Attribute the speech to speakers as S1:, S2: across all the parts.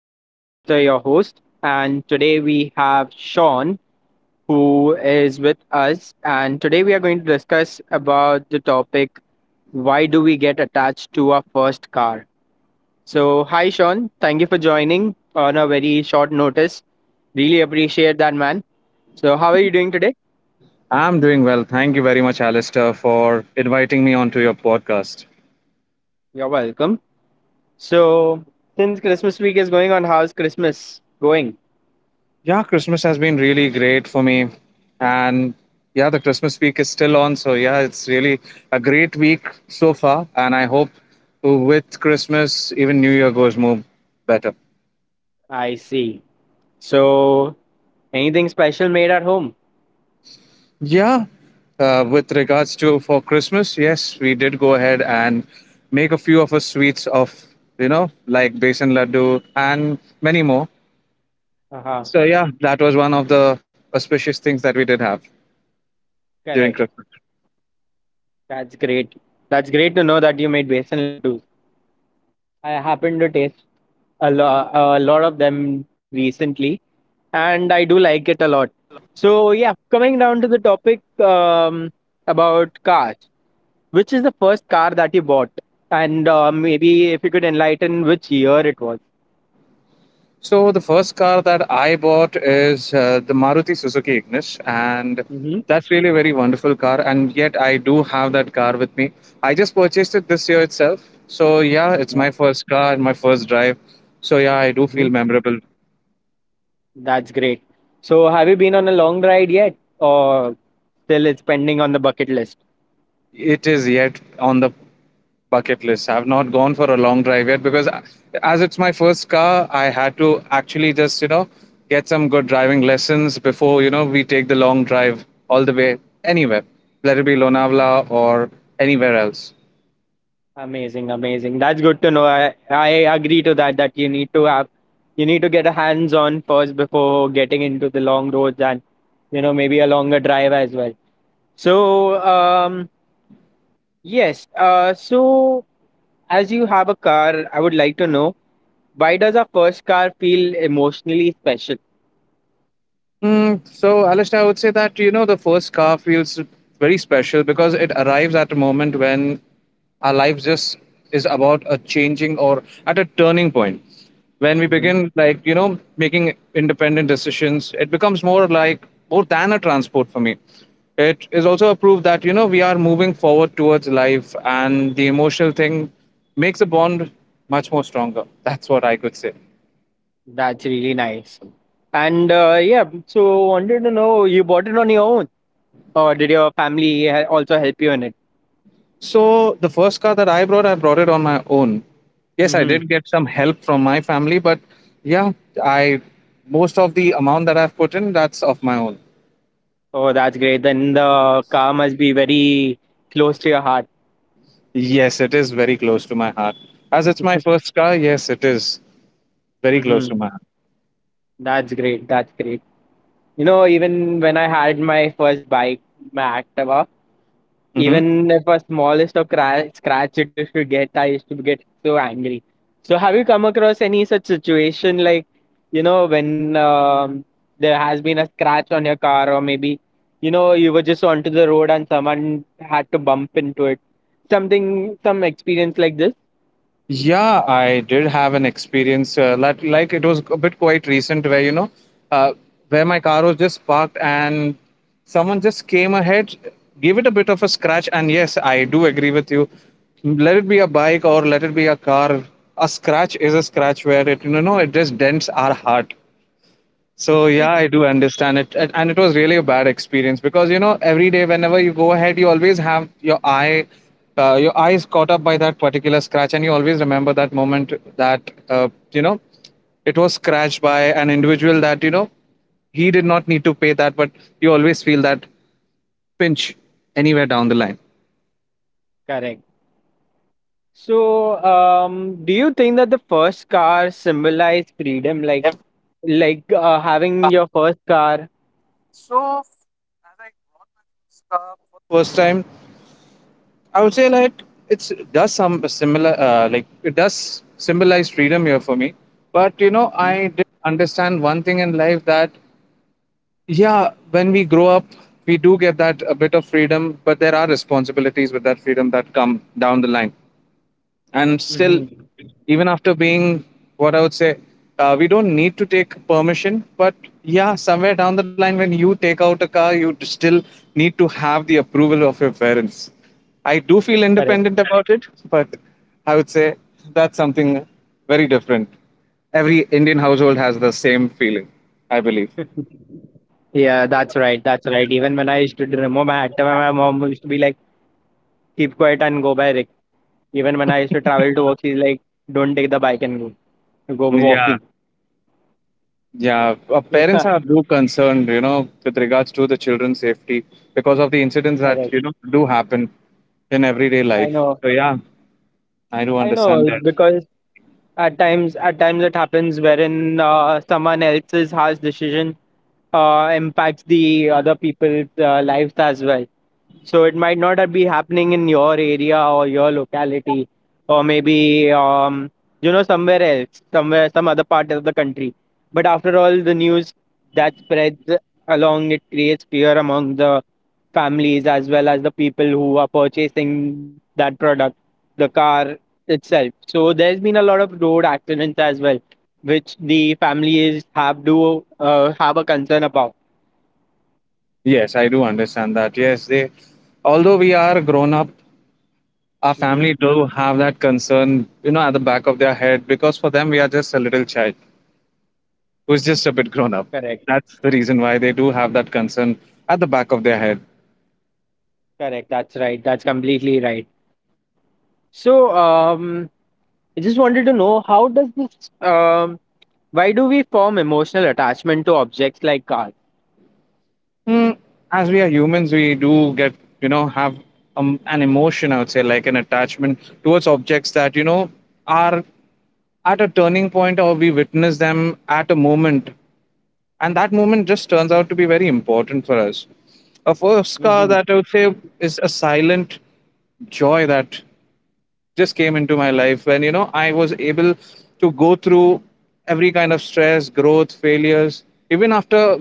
S1: This is Alistair, your host, and today we have Sean who is with us. And today we are going to discuss about the topic why do we get attached to our first car? So, hi, Sean. Thank you for joining on a very short notice. Really appreciate that, man. So, how are you doing today?
S2: I'm doing well. Thank you very much, Alistair, for inviting me onto your podcast.
S1: You're welcome. So, since Christmas week is going on, how's Christmas going?
S2: Yeah, Christmas has been really great for me. And Yeah, the Christmas week is still on. So yeah, it's really a great week so far. And I hope with Christmas, even New Year goes more better.
S1: I see. So, anything special made at home?
S2: Yeah, with regards to for Christmas, yes, we did go ahead and make a few of us sweets of, like besan laddu and many more.
S1: Uh-huh.
S2: So yeah, that was one of the auspicious things that we did have during
S1: Correct.
S2: Christmas.
S1: That's great. That's great to know that you made besan laddus. I happened to taste a, lo- a lot of them recently, and I do like it a lot. So yeah, coming down to the topic about cars, which is the first car that you bought, and maybe if you could enlighten which year it was.
S2: So the first car that I bought is the Maruti Suzuki Ignis, and
S1: Mm-hmm.
S2: that's really a very wonderful car. And yet I do have that car with me. I just purchased it this year itself. So yeah, it's
S1: Uh-huh.
S2: my first car, my first drive. So yeah, I do feel
S1: Mm-hmm.
S2: memorable.
S1: That's great. So have you been on a long ride yet, or still it's pending on the bucket list?
S2: It is yet on the bucket list. I've not gone for a long drive yet because, as it's my first car, I had to actually just, get some good driving lessons before, we take the long drive all the way anywhere, let it be Lonavala or anywhere else.
S1: Amazing, amazing. That's good to know. I agree to that you need to get a hands on first before getting into the long roads and you know maybe a longer drive as well. So yes, so as you have a car, I would like to know why does our first car feel emotionally special?
S2: So, Alistair, I would say that you know the first car feels very special because it arrives at a moment when our lives just is about a changing or at a turning point. When we
S1: Hmm.
S2: begin, like you know, making independent decisions, it becomes more than a transport for me. It is also a proof that you know we are moving forward towards life, and the emotional thing makes the bond much more stronger. That's what I could say.
S1: That's really nice. And yeah, so wanted to know you bought it on your own or did your family also help you in it?
S2: So the first car that I brought it on my own. Yes, I
S1: Hmm.
S2: did get some help from my family, but yeah, I most of the amount that I've put in, that's of my own.
S1: Oh, that's great. Then the car must be very close to your heart.
S2: Yes, it is very close to my heart. As it's my first car, yes, it is very close to
S1: Mm-hmm.
S2: my heart.
S1: That's great. That's great. You know, even when I had my first bike, my Activa,
S2: Hmm.
S1: even if a smallest of crash, scratch it used to get, I used to get so angry. So, have you come across any such situation like, when there has been a scratch on your car, or maybe, you were just onto the road and someone had to bump into it? Something, some experience like this?
S2: Yeah, I did have an experience like it was a bit quite recent where uh, where my car was just parked and someone just came ahead, gave it a bit of a scratch, and yes, I do agree with you. Let it be a bike or let it be a car, a scratch is a scratch where it you know it just dents our heart. So yeah, I do understand it, and it was really a bad experience because you know every day whenever you go ahead, you always have your eye is caught up by that particular scratch, and you always remember that moment that you know it was scratched by an individual that you know he did not need to pay that, but you always feel that pinch anywhere down the line.
S1: Correct. So, do you think that the first car symbolized freedom, like having your first car?
S2: s- does some similar like it does symbolize freedom here for me, but you know I did understand one thing in life that yeah, when we grow up, we do get that a bit of freedom, but there are responsibilities with that freedom that come down the line. And still,
S1: Mm-hmm.
S2: even after being, what I would say, we don't need to take permission, but yeah, somewhere down the line when you take out a car, you still need to have the approval of your parents. I do feel
S1: Correct.
S2: independent about it, but I would say that's something very different. Every Indian household has the same feeling, I believe.
S1: Yeah, that's right. That's right. Even when I used to remember my at the time, my mom used to be like, "Keep quiet and go by Rick." Even when I used to travel to work, she's like, "Don't take the bike and go, go
S2: Yeah.
S1: walking."
S2: Yeah, parents
S1: Yeah,
S2: are do concerned, you know, with regards to the children's safety because of the incidents that
S1: correct.
S2: you know do happen in everyday
S1: I
S2: life.
S1: know.
S2: So yeah, I do
S1: I
S2: understand
S1: know
S2: that.
S1: because At times, it happens wherein someone else's harsh decision impacts the other people's lives as well. So it might not be happening in your area or your locality, or maybe somewhere else, some other part of the country. But after all, the news that spreads along it creates fear among the families as well as the people who are purchasing that product, the car itself. So there's been a lot of road accidents as well, which the families have to have a concern about.
S2: Yes, I do understand that. Yes, they. Although we are grown up, our
S1: Hmm.
S2: family do have that concern, you know, at the back of their head because for them we are just a little child who's just a bit grown up.
S1: Correct.
S2: That's the reason why they do have that concern at the back of their head.
S1: Correct. That's right. That's completely right. So, I just wanted to know why do we form emotional attachment to objects like cars?
S2: Mm, as we are humans, we do get, you know, have an emotion, I would say, like an attachment towards objects that, you know, are at a turning point or we witness them at a moment. And that moment just turns out to be very important for us. A first car that
S1: Hmm.
S2: I would say is a silent joy that just came into my life when you know I was able to go through every kind of stress, growth, failures. Even after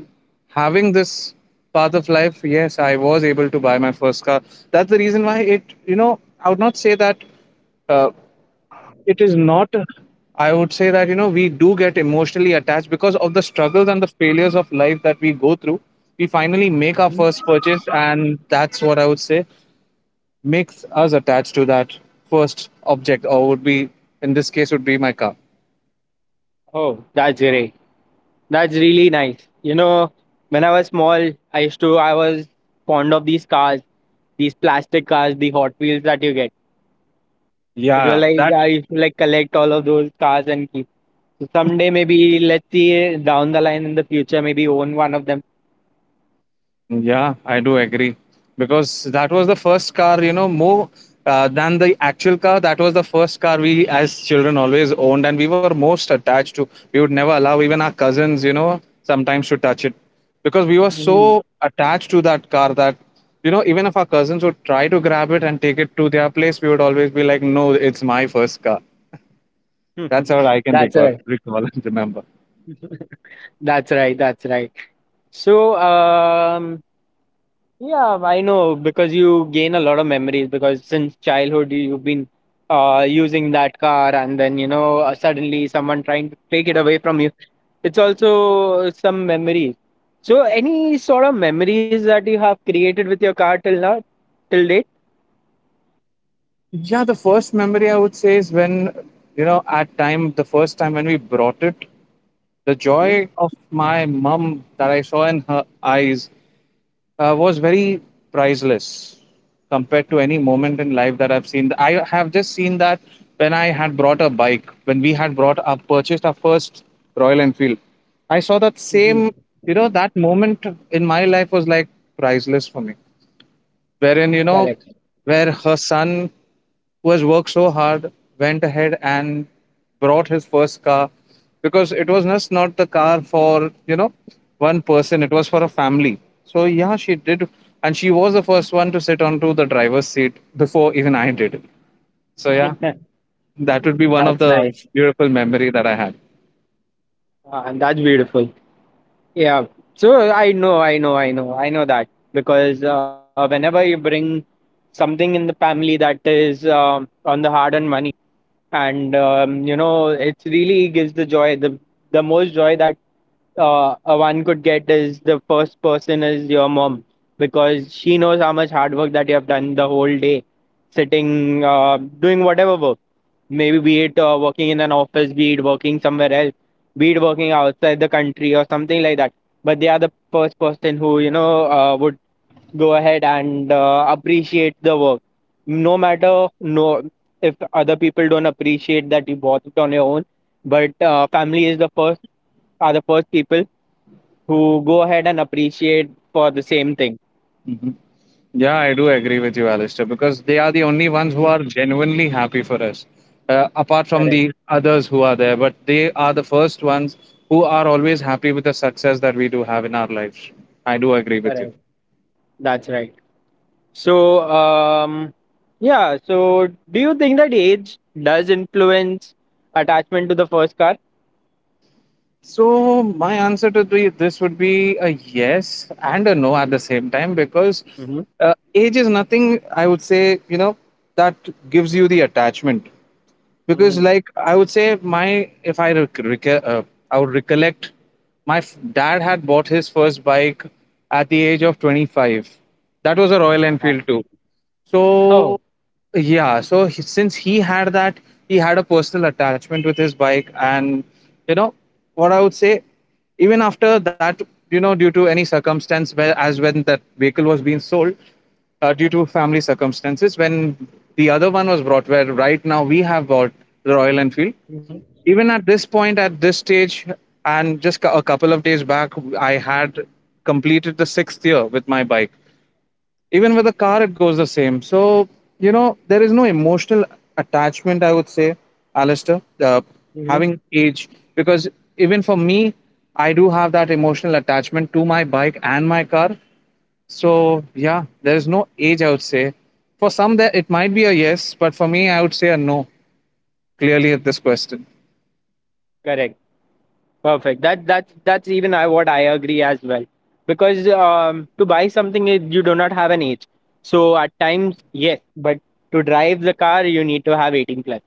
S2: having this path of life, yes, I was able to buy my first car. That's the reason why it, I would not say that uh, it is not. I would say that you know we do get emotionally attached because of the struggles and the failures of life that we go through. We finally make our first purchase, and that's what I would say makes us attached to that first object, or would be in this case would be my car.
S1: Oh, that's great. That's really nice. You know, when I was small, I was fond of these cars, these plastic cars, the Hot Wheels that you get. It was
S2: Yeah,
S1: like,
S2: that,
S1: I used to like collect all of those cars and keep. So someday maybe let's see down the line in the future, maybe own one of them.
S2: yeah, I do agree because that was the first car, you know, more than the actual car. That was the first car we as children always owned and we were most attached to. We would never allow even our cousins, you know, sometimes to touch it because we were
S1: Mhm.
S2: so attached to that car that you know even if our cousins would try to grab it and take it to their place, we would always be like, no, it's my first car. That's all I can
S1: That's right.
S2: recall and remember.
S1: That's right. That's right. So, yeah, I know because you gain a lot of memories because since childhood you've been using that car, and then suddenly someone trying to take it away from you. It's also some memories. So, any sort of memories that you have created with your car till now, till date?
S2: Yeah, the first memory I would say is when, you know, at time, the first time when we brought it, the
S1: Mm.
S2: joy of my mum that I saw in her eyes was very priceless compared to any moment in life that I've seen. I have just seen that when I had brought a bike, when we had purchased our first Royal Enfield. I saw that same,
S1: Mm-hmm.
S2: you know, that moment in my life was like priceless for me, wherein you know
S1: Correct.
S2: where her son who has worked so hard went ahead and brought his first car, because it was just not the car for you know one person, it was for a family. So yeah, she did, and she was the first one to sit onto the driver's seat before even I did. So yeah, that would be one of
S1: That's
S2: the
S1: nice.
S2: beautiful memory that I had.
S1: And that's beautiful. Yeah. So I know that because whenever you bring something in the family that is on the hard-earned money, and it really gives the joy, the most joy that one could get is the first person is your mom because she knows how much hard work that you have done the whole day, sitting, doing whatever work. Maybe be it working in an office, be it working somewhere else, be it working outside the country or something like that. But they are the first person who would go ahead and appreciate the work, no matter if other people don't appreciate that you bought it on your own. But family is the first are the first people who go ahead and appreciate for the same thing.
S2: Mhm. Yeah, I do agree with you, Alistair, because they are the only ones who are
S1: Mhm.
S2: genuinely happy for us, apart from
S1: Correct,
S2: the others who are there. But they are the first ones who are always happy with the success that we do have in our lives. I do agree with you.
S1: correct. That's right. So, um, yeah. So, do you think that age does influence attachment to the first car?
S2: So my answer to this would be a yes and a no at the same time because
S1: Mm-hmm.
S2: age is nothing, I would say, you know, that gives you the attachment. Because
S1: Mm-hmm.
S2: like I would say, my, if I rec- rec- uh, I would recollect, my dad had bought his first bike at the age of 25. That was a Royal
S1: Uh-huh.
S2: Enfield too. So
S1: Oh,
S2: yeah, so since he had that, he had a personal attachment with his bike, and you know what I would say, even after that, you know, due to any circumstance, where as when that vehicle was being sold, due to family circumstances, when the other one was brought, where right now we have bought the Royal Enfield.
S1: mm-hmm.
S2: Even at this point, at this stage, and just a couple of days back, I had completed the sixth year with my bike. Even with a car it goes the same. So you know there is no emotional attachment, I would say, Alistair,
S1: Mm-hmm.
S2: having age, because even for me, I do have that emotional attachment to my bike and my car. So yeah, there is no age, I would say. For some there it might be a yes, but for me I would say a no, clearly at this question.
S1: Correct. Perfect. That's even I, what I agree as well. Because to buy something, you do not have an age. So at times, yes, but to drive the car, you need to have 18 plus.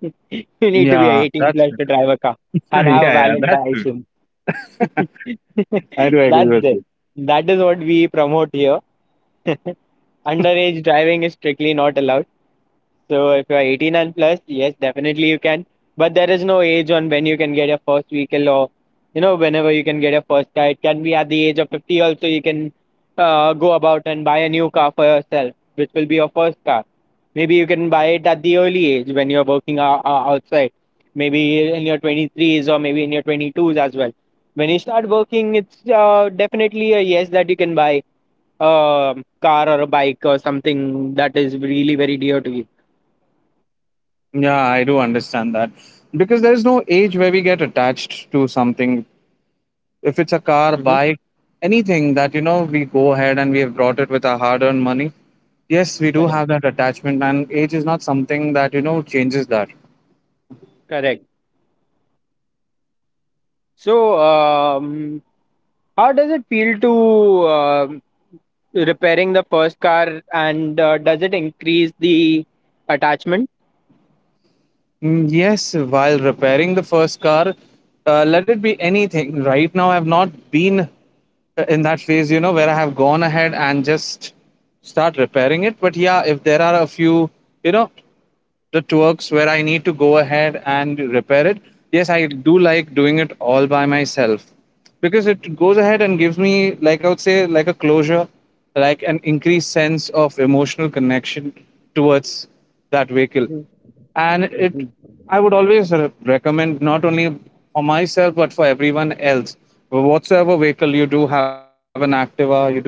S1: You need to be
S2: Yeah,
S1: 18
S2: that's
S1: plus
S2: good.
S1: to drive a car
S2: yeah,
S1: and have a valid
S2: that's true.
S1: license.
S2: I do agree
S1: That's
S2: with you.
S1: it. That is what we promote here. Underage driving is strictly not allowed. So if you're 18 and plus, yes, definitely you can. But there is no age on when you can get your first vehicle or, whenever you can get your first car. It can be at the age of 50 also you can go about and buy a new car for yourself, which will be your first car. Maybe you can buy it at the early age when you're working outside. Maybe in your 23s or maybe in your 22s as well. When you start working, it's definitely a yes that you can buy a car or a bike or something that is really very dear to
S2: Yeah, I do understand that. Because there is no age where we get attached to something, if it's a car,
S1: you.
S2: bike, anything that you know we go ahead and we have brought it with our hard-earned money. Yes, we do
S1: Correct,
S2: have that attachment, and age is not something that you know changes that.
S1: correct. So, how does it feel to repairing the first car, and does it increase the attachment?
S2: Yes, while repairing the first car, let it be anything. Right now, I've not been in that phase, you know, where I have gone ahead and just start repairing it. But yeah, if there are a few, you know, the twerks where I need to go ahead and repair it, yes, I do like doing it all by myself because it goes ahead and gives me, like I would say, like a closure, like an increased sense of emotional connection towards that vehicle.
S1: Mhm,
S2: And it,
S1: mhm.
S2: I would always recommend not only for myself but for everyone else, whatsoever vehicle you do have, an Activa, you do have an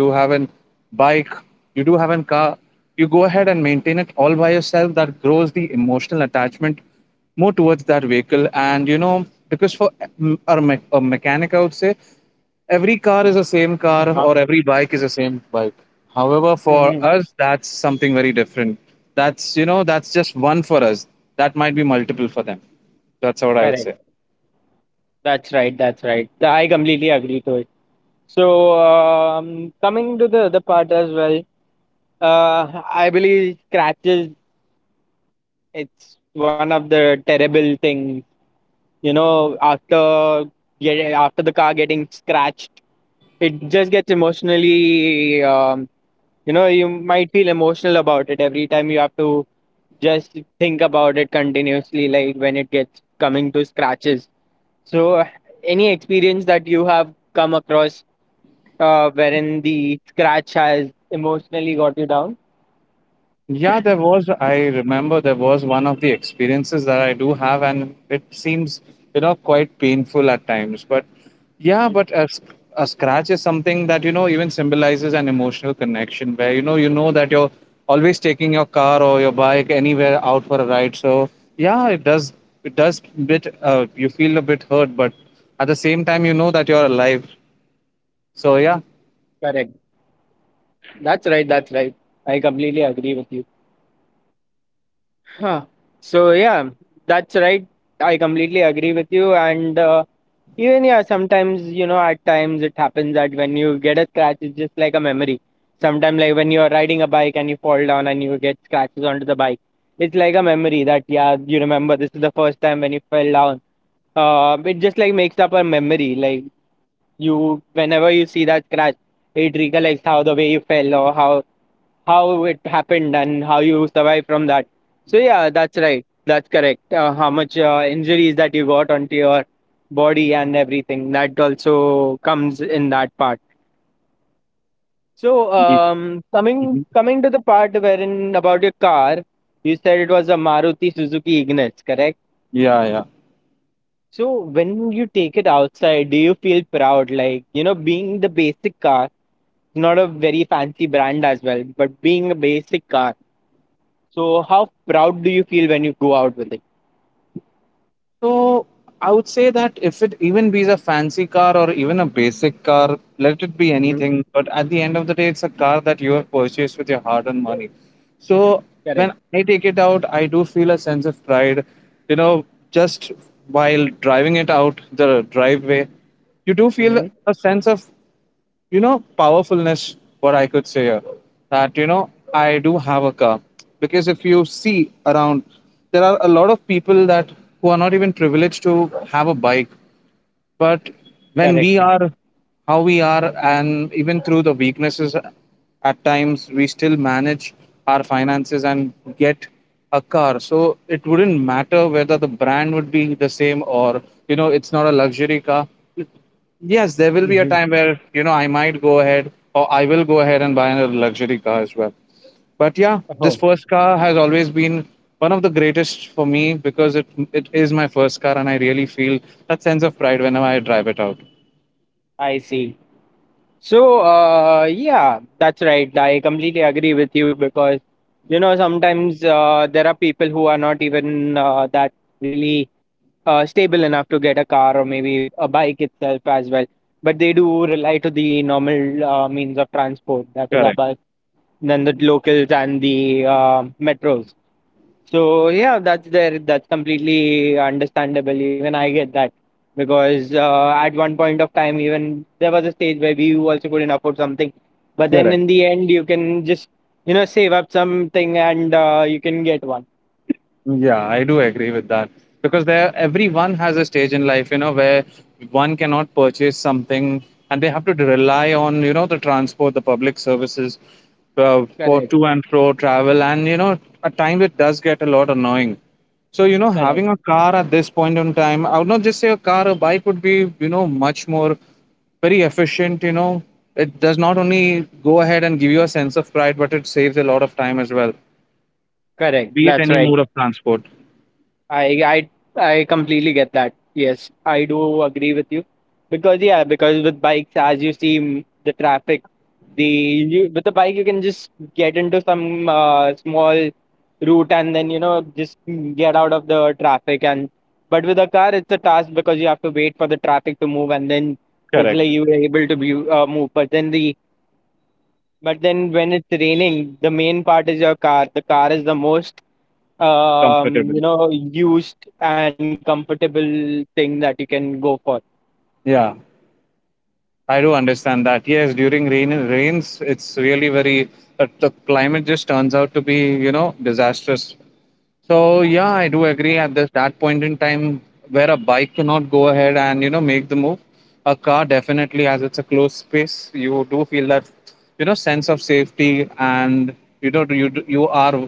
S2: bike, you do have an car, you go ahead and maintain it all by yourself. That grows the emotional attachment more towards that vehicle. And you know, because for a, a mechanic, I would say every car is the same car
S1: Uh-huh.
S2: or every bike is the same bike. However, for
S1: Mhm.
S2: us, that's something very different. That's, you know, that's just one for us. That might be multiple for them. That's what I would say.
S1: Correct. That's right. That's right. I completely agree to it. So, coming to the other part as well, uh, I believe scratches. It's one of the terrible things. You know, after the car getting scratched, it just gets emotionally, you might feel emotional about it every time you have to just think about it continuously, like when it gets coming to scratches. So, any experience that you have come across wherein the scratch has emotionally got you down?
S2: Yeah, there was. I remember there was one of the experiences that I do have, and it seems, you know, quite painful at times. But yeah,
S1: Mm.
S2: but a scratch is something that, you know, even symbolizes an emotional connection where, you know that you're always taking your car or your bike anywhere out for a ride. So yeah, it does bit, you feel a bit hurt, but at the same time, you know that you're alive. So yeah.
S1: Correct. That's right. That's right. I completely agree with you. Huh. So yeah, that's right. I completely agree with you. And even yeah, sometimes at times it happens that when you get a scratch, it's just like a memory. Sometimes like when you're riding a bike and you fall down and you get scratches onto the bike, it's like a memory that yeah, you remember this is the first time when you fell down. It just like makes up a memory. Like you, whenever you see that scratch, it recollects how the way you fell or how it happened and how you survive from that. So yeah, that's right. That's correct. How much injuries that you got onto your body and everything that also comes in that part. So
S2: Mhm.
S1: coming to the part wherein about your car, you said it was a Maruti Suzuki Ignis, correct?
S2: Yeah, yeah.
S1: So when you take it outside, do you feel proud? Like being the basic car, not a very fancy brand as well, but being a basic car. So, how proud do you feel when you go out with it?
S2: So I would say that if it even be a fancy car or even a basic car, let it be
S1: Mm-hmm.
S2: anything. But at the end of the day, it's a car that you have purchased with your hard-earned money. So when
S1: Correct.
S2: I take it out, I do feel a sense of pride. You know, just while driving it out the driveway, you do feel
S1: Mm-hmm.
S2: a sense of, you know, powerfulness, what I could say here, that you know I do have a car. Because if you see around, there are a lot of people that who are not even privileged to have a bike. But when we
S1: Correct.
S2: are, how we are, and even through the weaknesses, at times we still manage our finances and get a car. So it wouldn't matter whether the brand would be the same or, you know, it's not a luxury car. Yes, there will be a time
S1: Mm-hmm.
S2: where, you know, I might go ahead or I will go ahead and buy a luxury car as well. But yeah, this
S1: Oh,
S2: first car has always been one of the greatest for me because it is my first car and I really feel that sense of pride whenever I drive it out.
S1: I see. So, yeah, that's right. I completely agree with you because, sometimes there are people who are not even that really stable enough to get a car or maybe a bike itself as well. But they do rely to the normal means of transport, that is a
S2: Correct.
S1: bus, then the locals and the metros. So yeah, that's there. That's completely understandable. Even I get that because at one point of time, even there was a stage where we also couldn't afford something, but then
S2: Correct.
S1: in the end, you can just save up something and you can get one.
S2: Yeah, I do agree with that because there everyone has a stage in life, you know, where one cannot purchase something and they have to rely on, you know, the transport, the public services, for
S1: Correct.
S2: to and fro travel, and you know, at times it does get a lot annoying. So you know, having a
S1: Correct.
S2: car at this point in time, I would not just say a car, a bike would be, you know, much more very efficient. You know, it does not only go ahead and give you a sense of pride, but it saves a lot of time as well.
S1: Correct.
S2: Be it
S1: That's
S2: any
S1: right.
S2: mode of transport.
S1: I I I completely get that. Yes, I do agree with you because with bikes, as you see the traffic, with the bike you can just get into some small route and then just get out of the traffic. And but with a car, it's a task because you have to wait for the traffic to move and then it's
S2: Correct.
S1: like you are able to move. But then when it's raining, the main part is your car. The car is the most
S2: Comfortable.
S1: used and comfortable thing that you can go for.
S2: Yeah, I do understand that. Yes, during rains, it's really very the climate just turns out to be, you know, disastrous. So yeah, I do agree at this that point in time where a bike cannot go ahead and, you know, make the move. A car definitely, as it's a closed space, you do feel that, you know, sense of safety and, you know, you are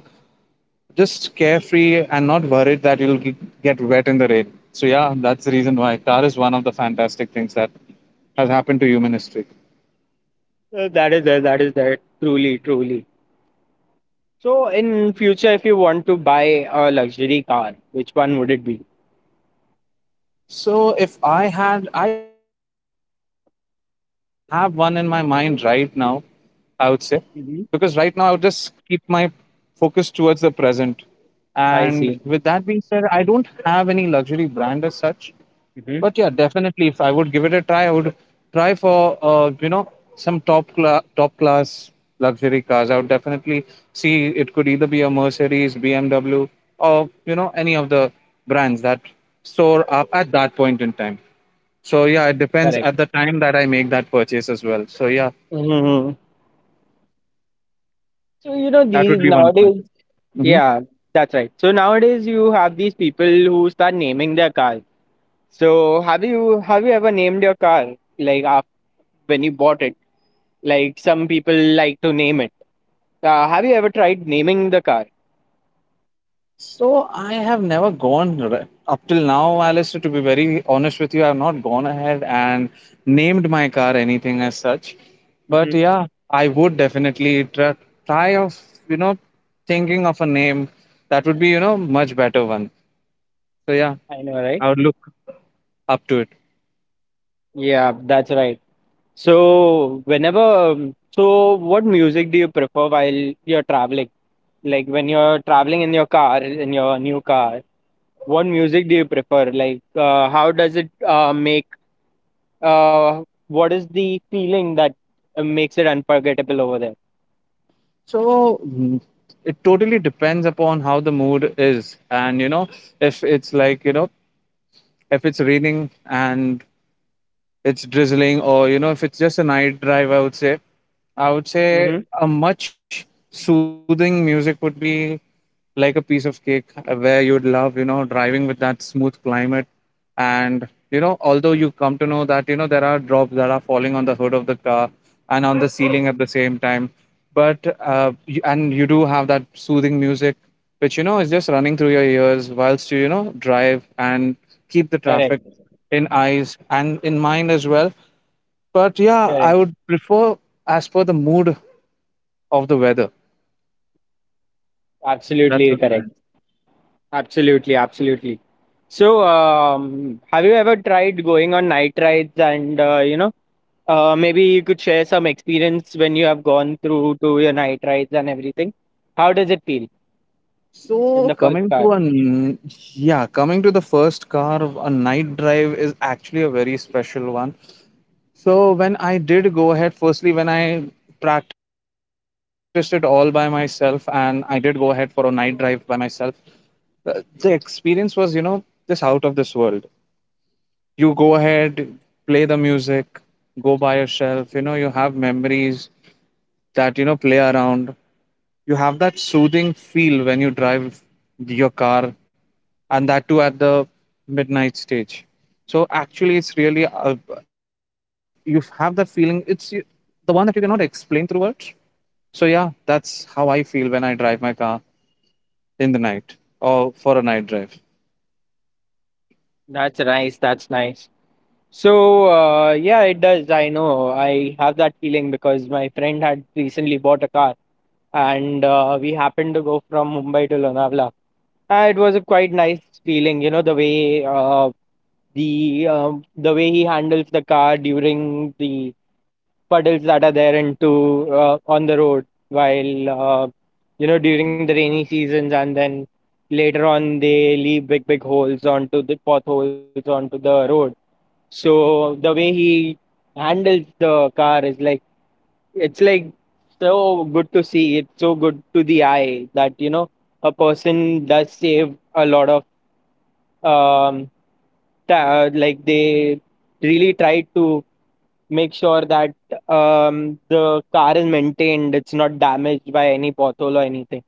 S2: just carefree and not worried that get wet in the rain. So yeah, that's the reason why car is one of the fantastic things that has happened to human history.
S1: That is there, truly, truly. So in future, if you want to buy a luxury car, which one would it be?
S2: So if I had, I did not, I do not have one in my mind right now. I would say, because right now I would
S1: Hmm.
S2: just keep my focus towards the present. And
S1: I
S2: with that
S1: see.
S2: being said, I don't have any luxury brand as such. But yeah,
S1: Hmm.
S2: definitely, if I would give it a try, I would try for you know, some top class luxury cars. I would definitely see it could either be a Mercedes, BMW, or you know any of the brands that store up at that point in time. So yeah, it depends
S1: Correct.
S2: at the time that I make that purchase as well. So yeah,
S1: Hmm. So you know
S2: that would
S1: these
S2: be one of my
S1: nowadays.
S2: things.
S1: Yeah, that's right. So nowadays you have these people who start naming their cars. So have you ever named your car like af when you bought it? Like some people like to name it. Have you ever tried naming the car?
S2: So I have never up till now, Alistair. To be very honest with you, I have not gone ahead and named my car anything as such. But
S1: Hmm.
S2: yeah, I would definitely try, try of, you know, thinking of a name that would be, you know, much better one. So yeah,
S1: I know, right?
S2: I would look up to it.
S1: Yeah, that's right. So so what music do you prefer while you're traveling? Like when you're traveling in your car, in your new car, what music do you prefer? Like how does it make? Uh, what is the feeling that makes it unforgettable over there?
S2: So mm, it totally depends upon how the mood is, and you know, if it's like, you know, if it's raining and it's drizzling, or you know, if it's just a night drive, I would
S1: Mm-hmm.
S2: say a much soothing music would be like a piece of cake, where you'd love, you know, driving with that smooth climate. And you know, although you come to know that, you know, there are drops that are falling on the hood of the car and on the ceiling at the same time, but and you do have that soothing music which, you know, is just running through your ears whilst you, you know, drive and keep the traffic
S1: Correct.
S2: in eyes and in mind as well. But yeah, I
S1: Correct.
S2: would prefer as per the mood of the weather. That's
S1: Absolutely
S2: what correct.
S1: correct. Absolutely, absolutely. So, have you ever tried going on night rides and you know, maybe you could share some experience when you have gone through to your night rides and everything. How does it feel in
S2: So
S1: the first
S2: coming
S1: car?
S2: to a n- yeah, coming to the first car, a night drive is actually a very special one. So when I did go ahead, firstly when I practiced it all by myself and I did go ahead for a night drive by myself, the experience was, you know, just out of this world. You go ahead, play the music, go by yourself. You know, you have memories that, you know, play around. You have that soothing feel when you drive your car, and that too at the midnight stage. So, actually, it's really, you have that feeling. The one that you cannot explain through words. So, yeah, that's how I feel when I drive my car in the night or for a night drive.
S1: That's nice. That's nice. So, yeah, it does. I know. I have that feeling because my friend had recently bought a car and we happened to go from Mumbai to Lonavala. It was a quite nice feeling, you know, the way the way he handles the car during the puddles that are there into on the road while you know during the rainy seasons, and then later on they leave big big holes onto the potholes onto the road, so the way he handles the car is like so good to see. It's so good to the eye that you know a person does save a lot of um, like they really try to make sure that the car is maintained, it's not damaged by any pothole or anything.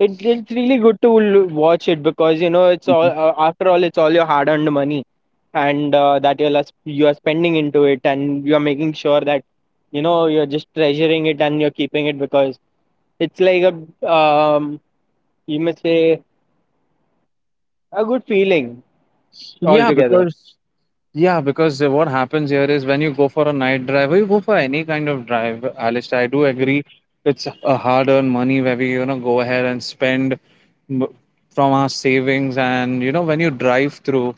S1: It's really good to watch it because you know it's all
S2: Mhm.
S1: after all it's all your hard-earned money, and that you are spending into it, and you are making sure that you know you're just treasuring it and you're keeping it because it's like a you must say a good feeling
S2: Yeah,
S1: altogether.
S2: because Yeah, because what happens here is when you go for a night drive or you go for any kind of drive, Alistair, I do agree
S1: Mm-hmm.
S2: it's a hard-earned money where we, you know, go ahead and spend m- from our savings. And, you know, when you drive through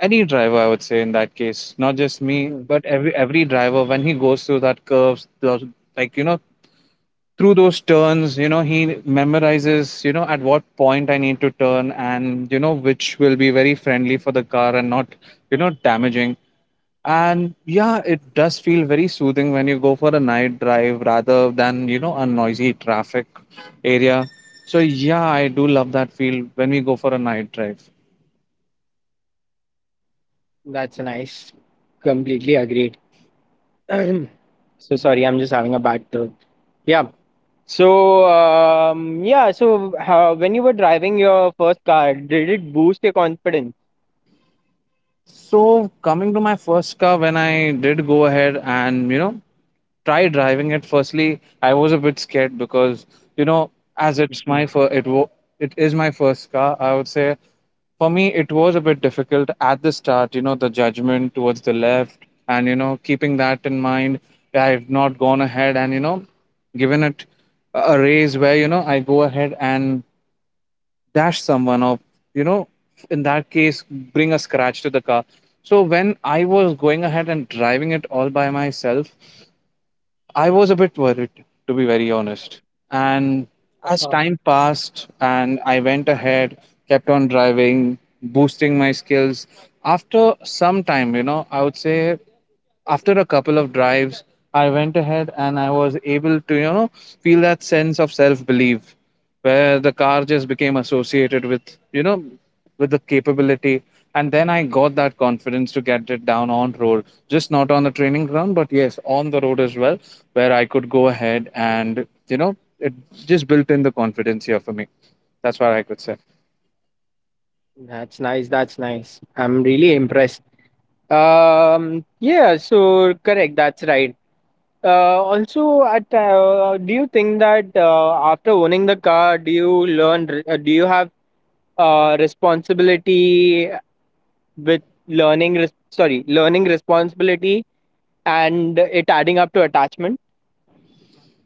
S2: any driver, I would say in that case, not just me,
S1: Mhm.
S2: but every driver, when he goes through that curves, those, like, you know, through those turns, you know, he memorizes, you know, at what point I need to turn and, you know, which will be very friendly for the car and not, you know, damaging. And yeah, it does feel very soothing when you go for a night drive rather than, you know, a noisy traffic area. So yeah, I do love that feel when we go for a night drive.
S1: That's nice. Completely agreed. So sorry, I'm just having a bad throat. Yeah. So yeah. So how, when you were driving your first car, did it boost your confidence?
S2: So coming to my first car, when I did go ahead and, you know, try driving it firstly, I was a bit scared because, you know, as it's my first
S1: Mhm.
S2: it is my first car, I would say. For me, it was a bit difficult at the start, you know, the judgment towards the left, and you know, keeping that in mind, I've not gone ahead and, you know, given it a raise where, you know, I go ahead and dash someone or, you know, in that case, bring a scratch to the car. So when I was going ahead and driving it all by myself, I was a bit worried, to be very honest. And as
S1: Uh-huh.
S2: time passed and I went ahead, kept on driving, boosting my skills, after some time, you know, I would say after a couple of drives, I went ahead and I was able to, you know, feel that sense of self belief where the car just became associated with, you know, with the capability. And then I got that confidence to get it down on road, just not on the training ground, but yes on the road as well, where I could go ahead and, you know, it just built in the confidence here for me. That's what I could say.
S1: That's nice. That's nice. I'm really impressed. Yeah. So correct. That's right. Also, at do you think that after owning the car, do you do you have responsibility with sorry, learning responsibility and it adding up to attachment?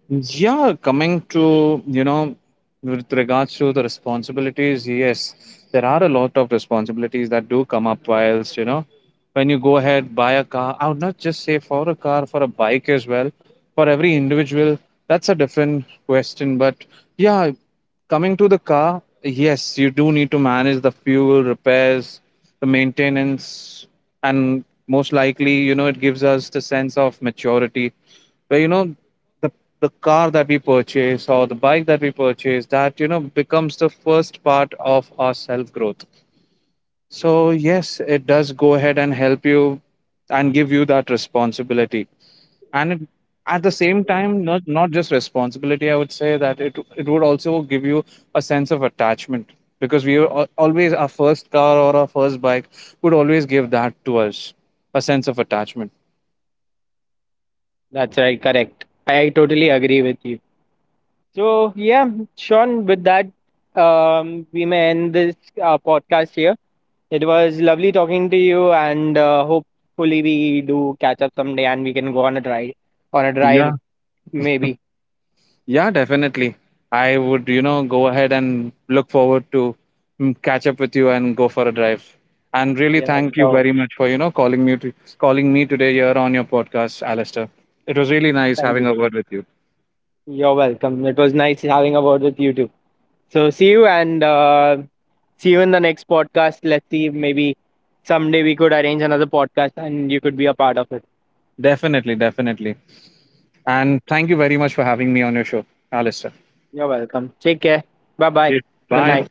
S2: Yeah, coming to, you know, with regards to the responsibilities, yes, there are a lot of responsibilities that do come up whilst, you know, when you go ahead, buy a car. I would not just say for a car, for a bike as well. For every individual, that's a different question. But yeah, coming to the car, yes, you do need to manage the fuel, repairs, the maintenance, and most likely, you know, it gives us the sense of maturity where, you know, the the car that we purchase or the bike that we purchase, that, you know, becomes the first part of our self growth. So yes, it does go ahead and help you and give you that responsibility. And it, at the same time, not just responsibility, I would say that it would also give you a sense of attachment. Because we were always our first car or our first bike would always give that to us, a sense of attachment.
S1: That's right, correct. I totally agree with you. So yeah, Sean, with that, um, we may end this podcast here. It was lovely talking to you, and hopefully we do catch up someday and we can go on a
S2: Yeah.
S1: drive maybe.
S2: Yeah, definitely. I would, you know, go ahead and look forward to, mm, catch up with you and go for a drive. And really
S1: Yeah.
S2: thank you
S1: So
S2: very much for, you know, calling me today here on your podcast, Alistair. It was really nice
S1: thank
S2: having
S1: you.
S2: a word with you.
S1: You're welcome, it was nice having a word with you too. So see you, and see you in the next podcast. Let's see if maybe someday we could arrange another podcast and you could be a part of it.
S2: Definitely, definitely. And thank you very much for having me on your show, Alistair.
S1: You're welcome. Take care. Bye bye.
S2: Yeah.
S1: Good
S2: Bye.
S1: night.